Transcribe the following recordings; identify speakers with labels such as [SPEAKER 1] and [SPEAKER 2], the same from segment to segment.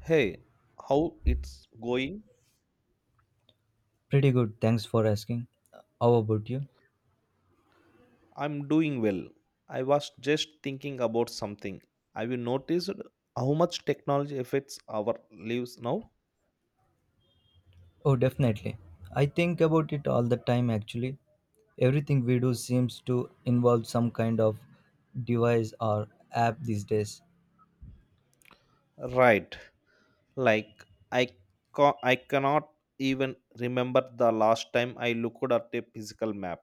[SPEAKER 1] Hey, how it's going?
[SPEAKER 2] Pretty good, thanks for asking. How about you?
[SPEAKER 1] I'm doing well. I was just thinking about something. Have you noticed how much technology affects our lives now?
[SPEAKER 2] Oh, definitely. I think about it all the time actually. Everything we do seems to involve some kind of device or app these days.
[SPEAKER 1] Right. Like I I cannot even remember the last time I looked at a physical map.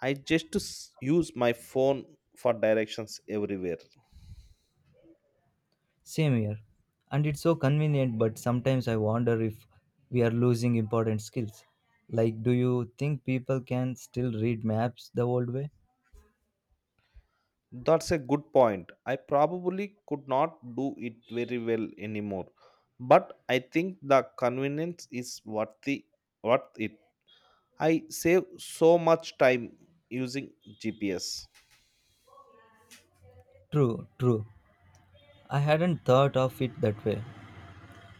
[SPEAKER 1] I just use my phone for directions everywhere.
[SPEAKER 2] Same here. And it's so convenient, but sometimes I wonder if we are losing important skills. Like, do you think people can still read maps the old way?
[SPEAKER 1] That's a good point. I probably could not do it very well anymore, but I think the convenience is worth it. I save so much time using GPS.
[SPEAKER 2] True, true. I hadn't thought of it that way.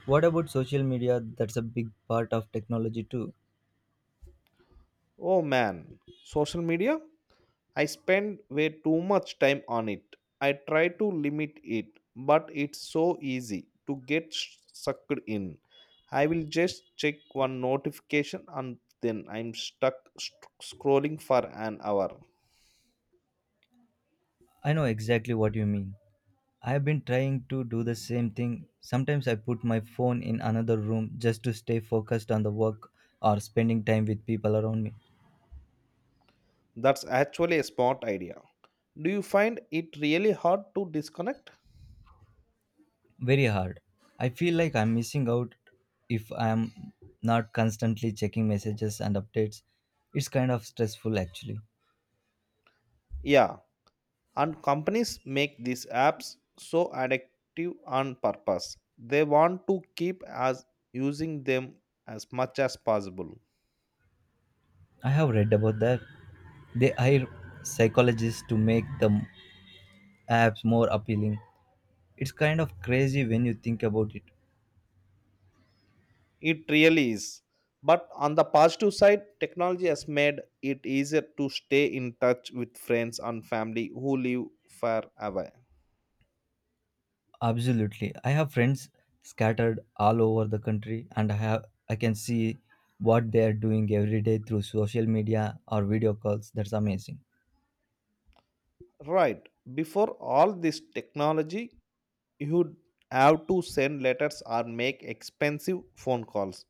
[SPEAKER 2] What about social media? That's a big part of technology too.
[SPEAKER 1] Oh man, social media? I spend way too much time on it. I try to limit it, but it's so easy to get sucked in. I will just check one notification and then I'm stuck scrolling for an hour.
[SPEAKER 2] I know exactly what you mean. I've been trying to do the same thing. Sometimes I put my phone in another room just to stay focused on the work or spending time with people around me.
[SPEAKER 1] That's actually a smart idea. Do you find it really hard to disconnect?
[SPEAKER 2] Very hard. I feel like I'm missing out if I'm not constantly checking messages and updates. It's kind of stressful actually.
[SPEAKER 1] Yeah, and companies make these apps so addictive on purpose. They want to keep us using them as much as possible.
[SPEAKER 2] I have read about that. They hire psychologists to make the apps more appealing. It's kind of crazy when you think about it.
[SPEAKER 1] It really is. But on the positive side, technology has made it easier to stay in touch with friends and family who live far away.
[SPEAKER 2] Absolutely. I have friends scattered all over the country, and I can see what they are doing every day through social media or video calls. That's amazing.
[SPEAKER 1] Right. Before all this technology, you'd have to send letters or make expensive phone calls.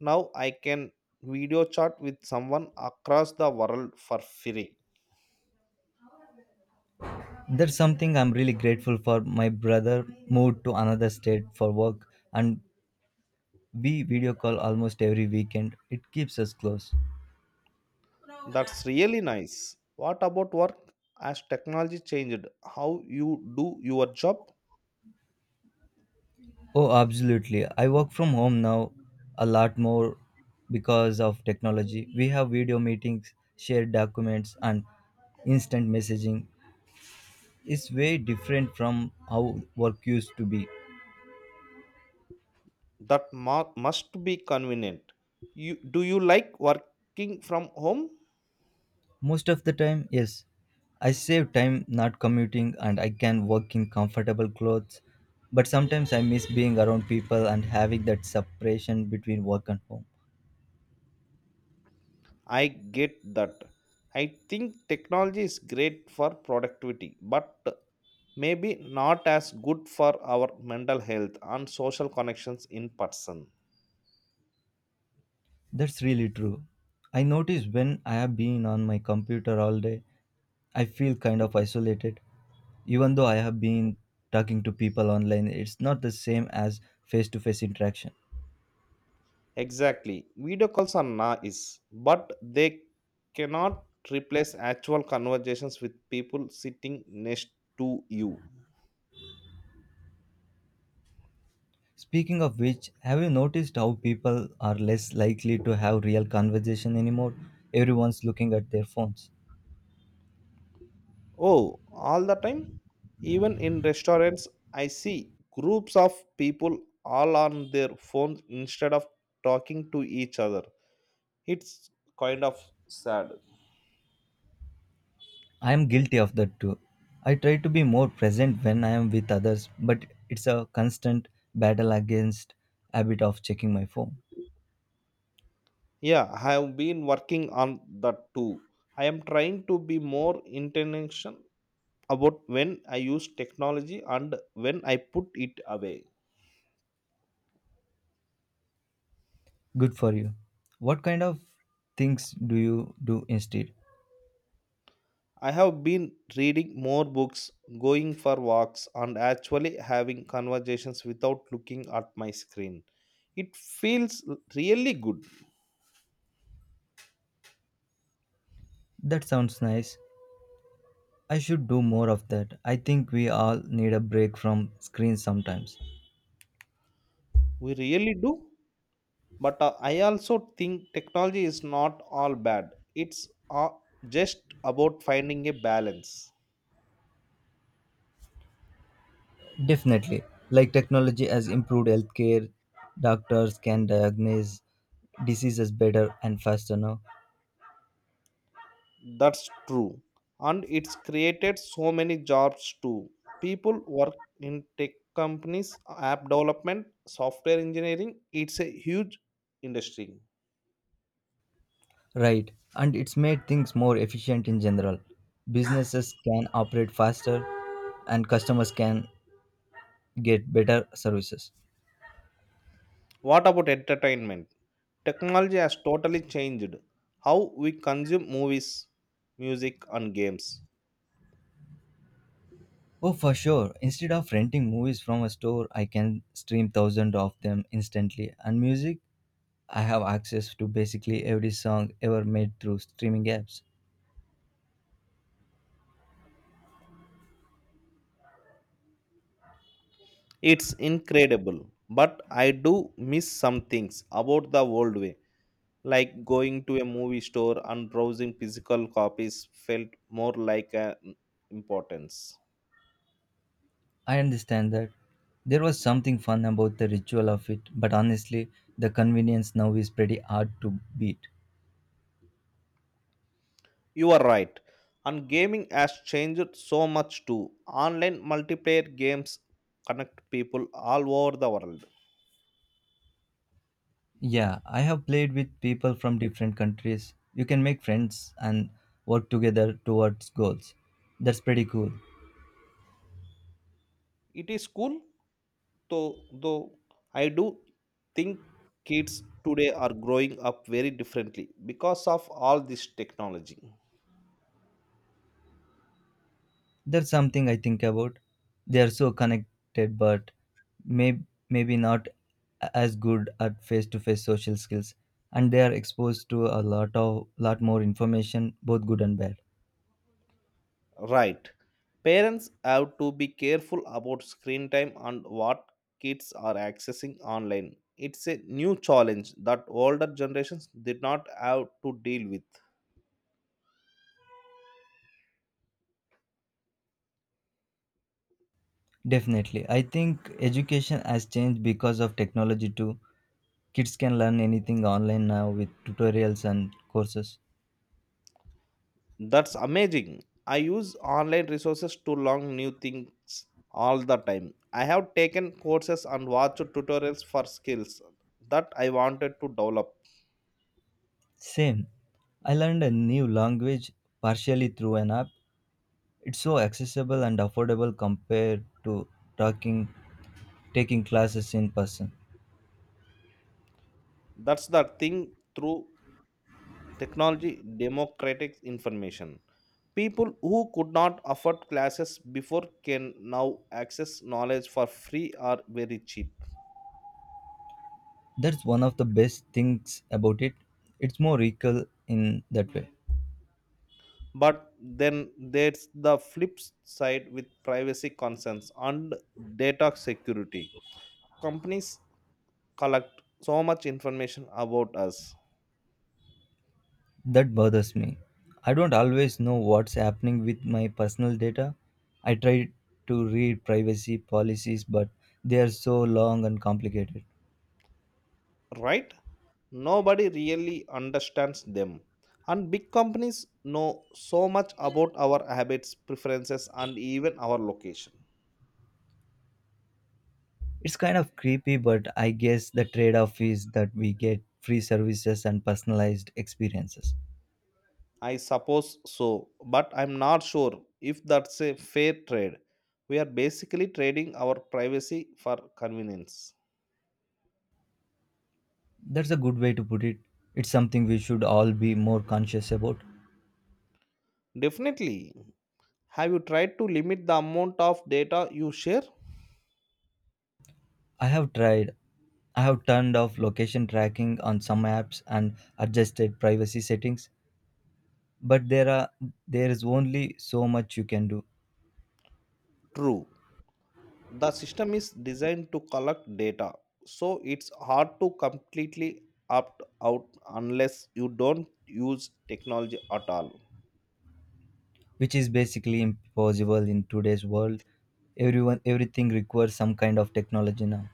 [SPEAKER 1] Now I can video chat with someone across the world for free.
[SPEAKER 2] That's something I'm really grateful for. My brother moved to another state for work, and we video call almost every weekend. It keeps us close.
[SPEAKER 1] That's really nice. What about work? Has technology changed how you do your job?
[SPEAKER 2] Oh, absolutely. I work from home now a lot more because of technology. We have video meetings, shared documents, and instant messaging is way different from how work used to be.
[SPEAKER 1] Must be convenient. You like working from home?
[SPEAKER 2] Most of the time, yes, I save time not commuting and I can work in comfortable clothes. But sometimes I miss being around people and having that separation between work and home.
[SPEAKER 1] I get that. I think technology is great for productivity, but maybe not as good for our mental health and social connections in person.
[SPEAKER 2] That's really true. I notice when I have been on my computer all day, I feel kind of isolated. Even though I have been talking to people online, it's not the same as face to face interaction.
[SPEAKER 1] Exactly. Video calls are nice, but they cannot replace actual conversations with people sitting next to you.
[SPEAKER 2] Speaking of which, have you noticed how people are less likely to have real conversation anymore? Everyone's looking at their phones.
[SPEAKER 1] Oh, all the time? Even in restaurants, I see groups of people all on their phones instead of talking to each other. It's kind of sad.
[SPEAKER 2] I am guilty of that too. I try to be more present when I am with others, but it's a constant battle against habit of checking my phone.
[SPEAKER 1] Yeah, I have been working on that too. I am trying to be more intentional about when I use technology and when I put it away.
[SPEAKER 2] Good for you. What kind of things do you do instead?
[SPEAKER 1] I have been reading more books, going for walks, and actually having conversations without looking at my screen. It feels really good.
[SPEAKER 2] That sounds nice. I should do more of that. I think we all need a break from screens sometimes.
[SPEAKER 1] We really do. But I also think technology is not all bad. It's just about finding a balance.
[SPEAKER 2] Definitely. Like, technology has improved healthcare. Doctors can diagnose diseases better and faster now.
[SPEAKER 1] That's true. And it's created so many jobs too. People work in tech companies, app development, software engineering. It's a huge industry.
[SPEAKER 2] Right. And it's made things more efficient in general. Businesses can operate faster and customers can get better services.
[SPEAKER 1] What about entertainment? Technology has totally changed how we consume movies, music, and games.
[SPEAKER 2] Oh, for sure. Instead of renting movies from a store, I can stream thousands of them instantly. And music, I have access to basically every song ever made through streaming apps.
[SPEAKER 1] It's incredible, but I do miss some things about the old way, like going to a movie store and browsing physical copies felt more like an importance.
[SPEAKER 2] I understand that. There was something fun about the ritual of it, but honestly, the convenience now is pretty hard to beat.
[SPEAKER 1] You are right, and gaming has changed so much too. Online multiplayer games connect people all over the world.
[SPEAKER 2] Yeah, I have played with people from different countries. You can make friends and work together towards goals. That's pretty cool.
[SPEAKER 1] It is cool, though I do think kids today are growing up very differently because of all this technology.
[SPEAKER 2] That's something I think about. They are so connected, but may- maybe not as good at face-to-face social skills, and they are exposed to a lot more information, both good and bad.
[SPEAKER 1] Right. Parents have to be careful about screen time and what kids are accessing online. It's a new challenge that older generations did not have to deal with.
[SPEAKER 2] Definitely. I think education has changed because of technology too. Kids can learn anything online now with tutorials and courses.
[SPEAKER 1] That's amazing. I use online resources to learn new things all the time. I have taken courses and watched tutorials for skills that I wanted to develop.
[SPEAKER 2] Same. I learned a new language partially through an app. It's so accessible and affordable compared to talking taking classes in person.
[SPEAKER 1] That's the thing through technology, democratic information. People who could not afford classes before can now access knowledge for free or very cheap.
[SPEAKER 2] That's one of the best things about it. It's more equal in that way.
[SPEAKER 1] But then there's the flip side with privacy concerns and data security. Companies collect so much information about us.
[SPEAKER 2] That bothers me. I don't always know what's happening with my personal data. I try to read privacy policies, but they are so long and complicated.
[SPEAKER 1] Right, nobody really understands them, and big companies know so much about our habits, preferences, and even our location.
[SPEAKER 2] It's kind of creepy, but I guess the trade off is that we get free services and personalized experiences.
[SPEAKER 1] I suppose so, but I'm not sure if that's a fair trade. We are basically trading our privacy for convenience.
[SPEAKER 2] That's a good way to put it. It's something we should all be more conscious about.
[SPEAKER 1] Definitely. Have you tried to limit the amount of data you share?
[SPEAKER 2] I have tried. I have turned off location tracking on some apps and adjusted privacy settings, but there is only so much you can do.
[SPEAKER 1] True, the system is designed to collect data, so it's hard to completely opt out unless you don't use technology at all.
[SPEAKER 2] Which is basically impossible in today's world. Everyone everything requires some kind of technology now.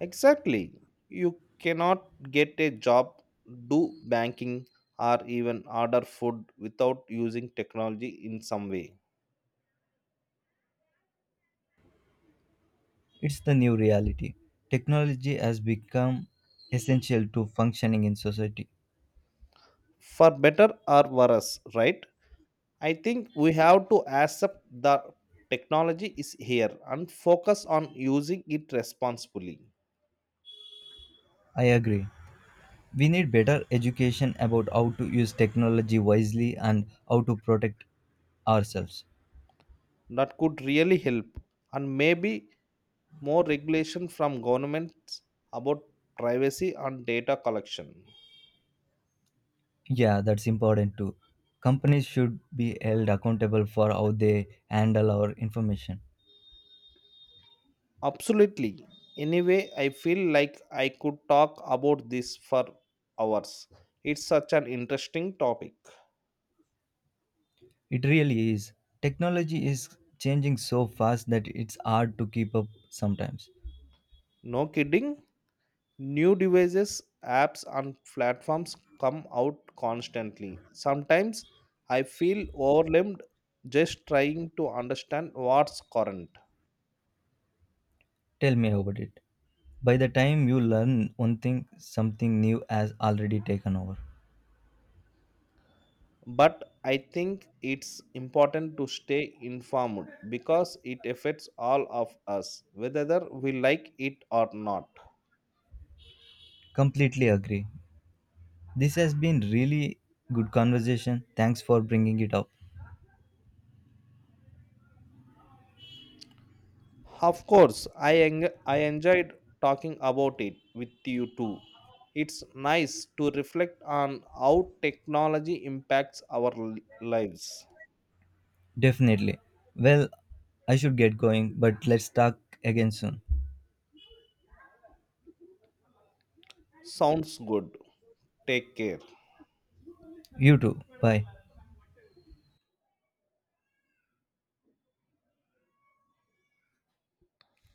[SPEAKER 1] Exactly. You cannot get a job, do banking, or even order food without using technology in some way.
[SPEAKER 2] It's the new reality. Technology has become essential to functioning in society.
[SPEAKER 1] For better or worse, right? I think we have to accept the technology is here and focus on using it responsibly.
[SPEAKER 2] I agree, we need better education about how to use technology wisely and how to protect ourselves.
[SPEAKER 1] That could really help, and maybe more regulation from governments about privacy and data collection.
[SPEAKER 2] Yeah, that's important too. Companies should be held accountable for how they handle our information.
[SPEAKER 1] Absolutely. Anyway, I feel like I could talk about this for hours. It's such an interesting topic.
[SPEAKER 2] It really is. Technology is changing so fast that it's hard to keep up sometimes.
[SPEAKER 1] No kidding. New devices, apps, and platforms come out constantly. Sometimes I feel overwhelmed just trying to understand what's current.
[SPEAKER 2] Tell me about it. By the time you learn one thing, something new has already taken over.
[SPEAKER 1] But I think it's important to stay informed because it affects all of us, whether we like it or not.
[SPEAKER 2] Completely agree. This has been really good conversation. Thanks for bringing it up.
[SPEAKER 1] Of course, I enjoyed talking about it with you too. It's nice to reflect on how technology impacts our lives.
[SPEAKER 2] Definitely. Well, I should get going, but let's talk again soon.
[SPEAKER 1] Sounds good. Take care.
[SPEAKER 2] You too. Bye.